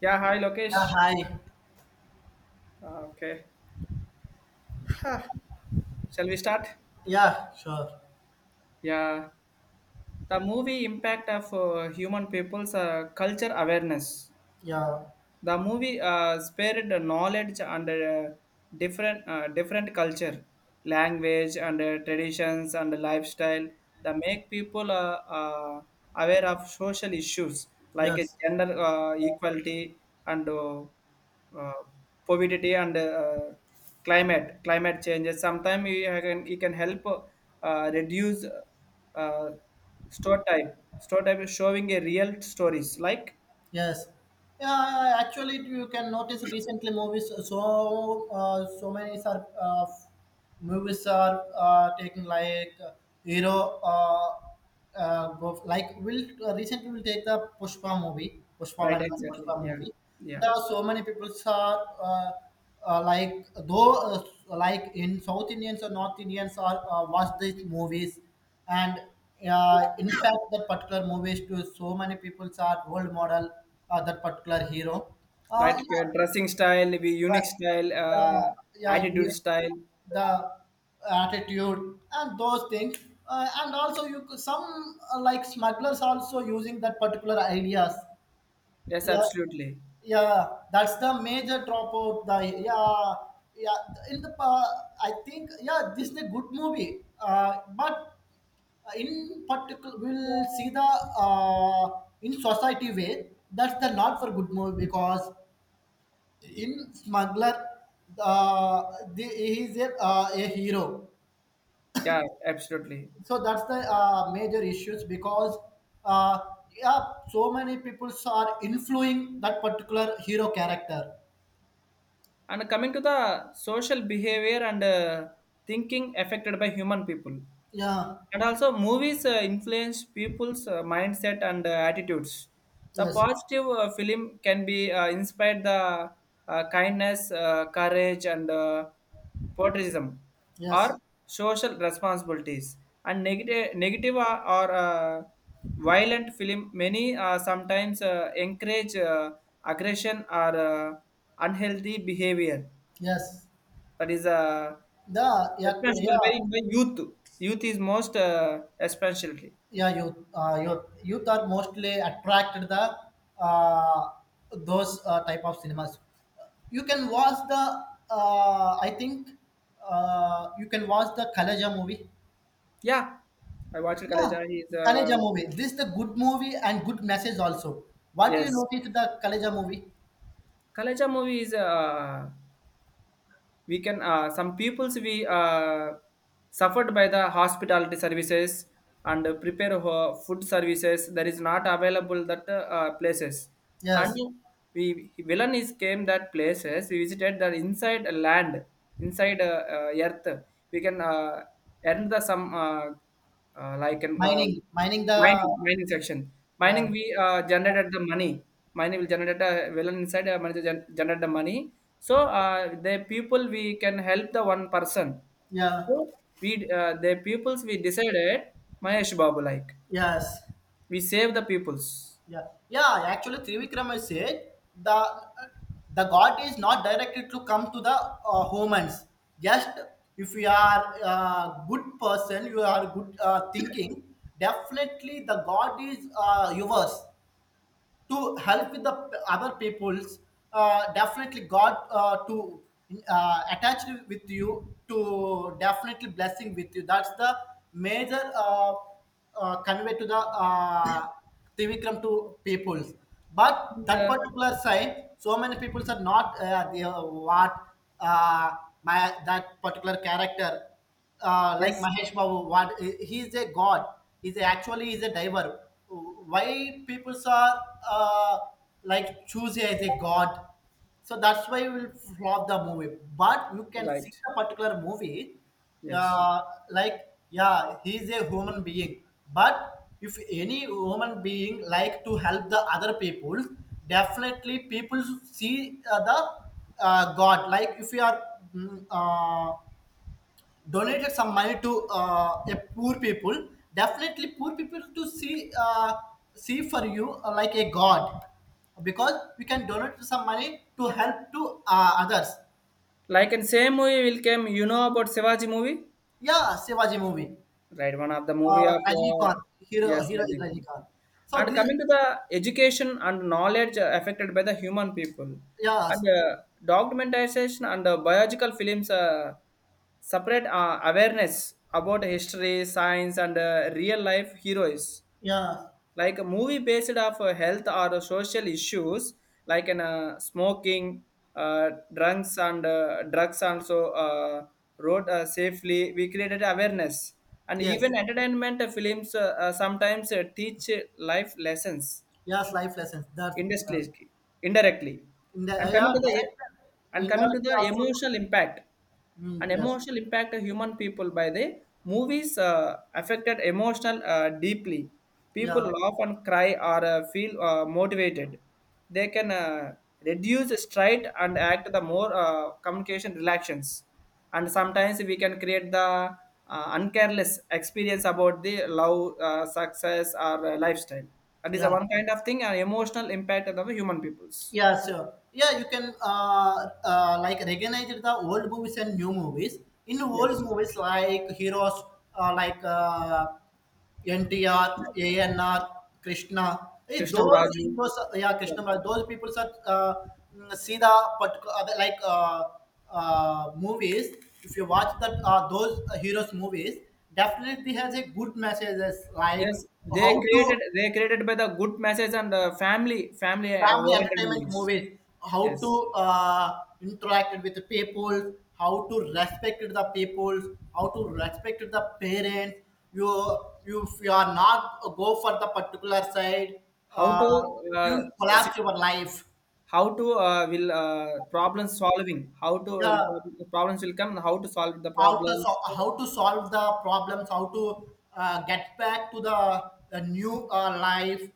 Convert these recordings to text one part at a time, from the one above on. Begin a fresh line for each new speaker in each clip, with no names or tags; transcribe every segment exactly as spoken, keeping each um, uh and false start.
Yeah, hi
Yeah,
Lokesh.
hi.
Uh, okay, shall we start?
Yeah, sure.
Yeah, the movie impact of uh, human people's uh, culture awareness.
Yeah,
The movie uh, spared the knowledge and uh, different uh, different culture, language and uh, traditions and lifestyle that make people uh, uh, aware of social issues like uh,
yes,
gender uh, equality and uh, uh, poverty and uh, climate climate changes. Sometimes you can you can help uh, reduce uh, stereotype stereotype is showing a real stories like
yes. Yeah, actually, you can notice recently movies. So, uh, so many are uh, movies are uh, taking like uh, hero. Uh, uh, go like will uh, recently will take the Pushpa movie, Pushpa
right,
one, and
exactly.
Pushpa
Yeah,
movie.
yeah.
There are so many people are uh, uh, like though uh, like in South Indians or North Indians are uh, watch these movies and uh, impact that particular movies to so many people's are role model uh, that particular hero. Uh,
Like uh,
yeah,
dressing style, maybe unique
yes,
style,
yeah,
uh,
yeah,
attitude
doing
style.
the attitude and those things. Uh, and also, you could- some uh, like smugglers also using that particular ideas.
Yes,
Yeah,
absolutely.
yeah, that's the major drop of the, yeah, yeah, in the, uh, I think, yeah, this is a good movie. Uh, but uh, in particular we'll see the, uh, in society way, that's the not for good movie because in smuggler, uh, the, he is a, uh, a hero,
Yeah, absolutely.
so that's the uh, major issues because, uh, yeah, so many people are influencing that particular hero character.
And coming to the social behavior and uh, thinking affected by human people.
Yeah,
And also, movies uh, influence people's uh, mindset and uh, attitudes. The
yes,
positive uh, film can be uh, inspired the uh, kindness, uh, courage, and uh, patriotism,
yes,
or social responsibilities. And negative, negative or, or uh, violent film many uh, sometimes uh, encourage uh, aggression or uh, unhealthy behavior.
yes,
That is a
the, yeah,
especially
yeah,
by, by youth. Youth is most uh, especially.
yeah. Youth uh, youth, youth are mostly attracted the, uh, those uh, type of cinemas. You can watch the, uh, I think, uh, you can watch the kalaja movie.
Yeah, I watched
Yeah,
Kalaja. He's uh,
kalaja movie, this is the good movie and good message also. What do you
yes,
notice the kalaja movie?
Kalaja movie is uh, we can uh, some peoples we uh, suffered by the hospitality services and prepare ho- food services that is not available that uh, uh, places and
Yes.
we villain is came that places we visited that inside a land inside uh, uh, earth we can uh, earn the some uh, uh, like an uh,
Mining mining the.
mining mining section.
Yeah,
Mining, we uh, generated the money. Mining will generate a villain inside, uh, manager gen- generate the money. So uh, the people, we can help the one person.
yeah.
So we, uh, the peoples, we decided Mahesh Babu like.
Yes.
We save the peoples.
Yeah, yeah. Actually, Trivikrama said the the God is not directed to come to the uh, humans. Just if you are a good person, you are good uh, thinking. Definitely, the God is uh, yours to help with the p- other people's. Uh, definitely god uh, to uh, attach with you to definitely blessing with you, that's the major, uh, uh, convey to the, uh, Trivikram to peoples, but
And,
that
uh,
particular sign so many peoples are not, uh, they are what, uh, my that particular character, uh, like
yes,
Mahesh Babu, what he he is a god. He's a, actually he's a diver, why people are uh, like choosy as a god, so that's why we'll flop the movie but you can see
right.
the particular movie,
Yes.
uh, like, yeah, he's a human being but if any human being like to help the other people, definitely people see uh, the uh, god like. If you are, mm, uh, donated some money to uh, a poor people, definitely poor people to see, uh, see for you uh, like a god, because we can donate some money to help to uh, others.
Like in same movie will came, you know about Shivaji movie?
Yeah, shivaji movie.
Right, one of the
uh,
movie of uh,
Rajnikant, hero
yes,
hero is
Resident Evil.
rajnikant, so
And
this.
coming to the education and knowledge uh, affected by the human people,
Yeah.
and uh, documentation and uh, biological films uh, separate uh, awareness about history, science, and uh, real life heroes
Yeah.
like a movie based off uh, health or uh, social issues like in uh, smoking uh, drugs and uh, drugs also uh, wrote uh, safely we created awareness and
Yes.
even entertainment uh, films uh, uh, sometimes uh, teach uh, life lessons
Yes, life lessons that, yeah,
indirectly, indirectly.
in the,
And
yeah,
coming to the e-
director,
and coming to
indirectly
the
also.
emotional impact, an
Mm, yes.
emotional impact of human people by the movies uh, affected emotional uh, deeply.
Yeah,
People laugh and cry or uh, feel uh, motivated. They can uh, reduce stress and act the more uh, communication relations and sometimes we can create the uh, uncareless experience about the love uh, success or uh, lifestyle that is a
yeah.
one kind of thing an emotional impact of the human peoples
Yeah, sure. Yeah, you can uh, uh, like recognize the old movies and new movies. In old
yes
movies like heroes, uh, like uh, N T R, A N R, Krishna, eh,
Krishnam
those
Raju
heroes,
yeah.
yeah, Krishna, but those people are, uh, mm, see the particular, uh, like, uh, uh, movies. If you watch that, uh, those heroes movies, definitely has a good messages like
Yes they
how to
created they created by the good message and uh, family family uh,
family
oriented
entertainment
movies
movies, how
yes
to uh, interact with the people, how to respect the people, how to respect the parents. You you if you are not uh, go for the particular side,
how to
uh, you
uh, s-
collapse your life.
how to uh, will uh, problem solving how to will
Yeah,
prob- problems will come and how to solve the
how to
problems
so- how to solve the problems, how to uh, get back to the, the, new uh, life,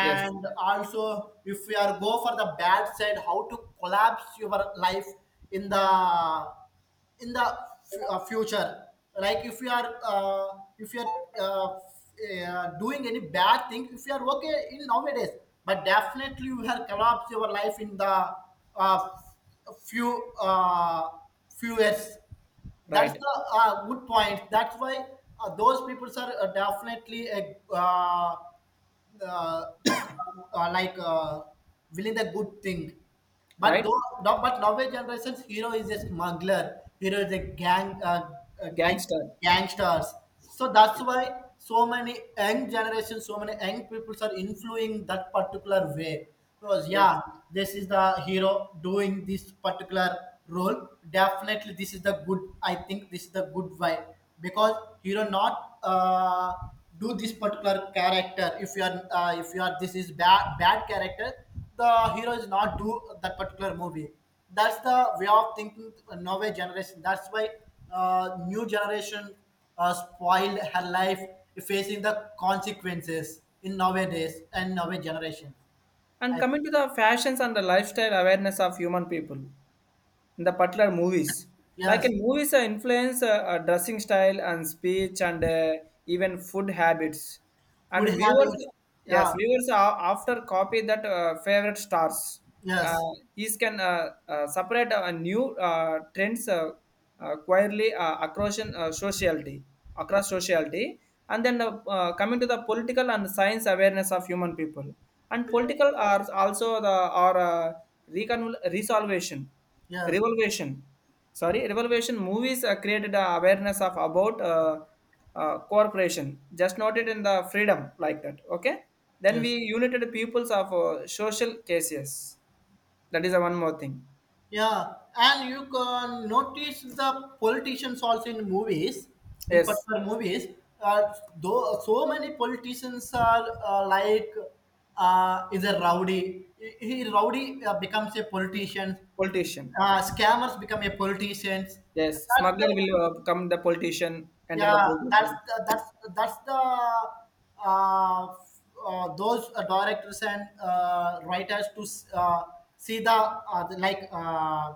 yes
also if we are go for the bad side, how to collapse your life in the, in the f- uh, future. Like if you are, uh, if you are uh, f- uh, doing any bad thing, if you are okay in nowadays, but definitely you have collapsed your life in the, uh, few uh, few years. That's
right
the uh, good point, that's why uh, those people are, uh, definitely a, uh, uh, uh, like, uh, willing the good thing. But
right
though, no- but nowadays generations hero is a smuggler, hero is a gang uh, uh, like
gangster.
gangsters. So that's
Yes.
why so many young generations, so many young peoples are influencing that particular way. Because,
Yes.
yeah, this is the hero doing this particular role. Definitely, this is the good. I think this is the good way because hero not. Uh, do this particular character. If you are, uh, if you are, this is bad bad character, the hero is not do that particular movie, that's the way of thinking nowadays generation, that's why uh, new generation uh, spoiled her life, facing the consequences in nowadays and nowadays generation.
And
I think.
coming to the fashions and the lifestyle awareness of human people. In the particular movies. Like
Yes.
in movies, uh, influence uh, uh, dressing style and speech and uh, even food habits.
Would
And
have
viewers,
it.
yes,
Yeah.
viewers are after copy that uh, favorite stars.
Yes,
Uh, these can uh, uh, separate uh, new uh, trends uh, uh, quietly uh, across uh, sociality, across sociality, and then uh, uh, coming to the political and science awareness of human people, and political are also the are uh, recon- resolution
yes,
revolution sorry revolution movies uh, created uh, awareness of about uh, uh, corporation just not it in the freedom like that okay then
yes.
we united peoples of uh, social cases that is uh, one more thing
Yeah, and you can notice the politicians also in movies, in
yes
particular movies. Uh, though so many politicians are uh, like, uh, is a rowdy. He he rowdy uh, becomes a politician.
politician
Uh, scammers become a politicians.
yes
That's the,
smuggler will uh, come the politician enter the
yeah, that's
politician
the, that's that's the, uh, uh, those uh, directors and uh, writers to s- uh, see the, uh, the like uh,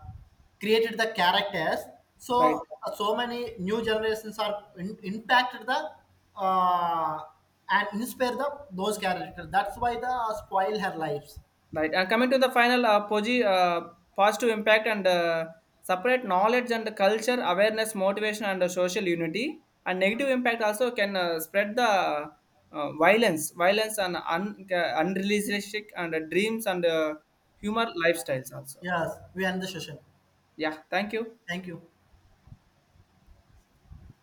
created the characters.
right.
So, uh, so many new generations are in, impacted the, uh, and inspire the those characters. That's why the uh, spoil her lives.
Right. And coming to the final, uh, Poji, uh, positive impact and uh, separate knowledge and culture, awareness, motivation, and uh, social unity. And negative impact also can uh, spread the uh, violence, violence and un- uh, unrealistic and uh, dreams and uh, humor lifestyles also.
Yes, we end the session.
Yeah. Thank you.
Thank you.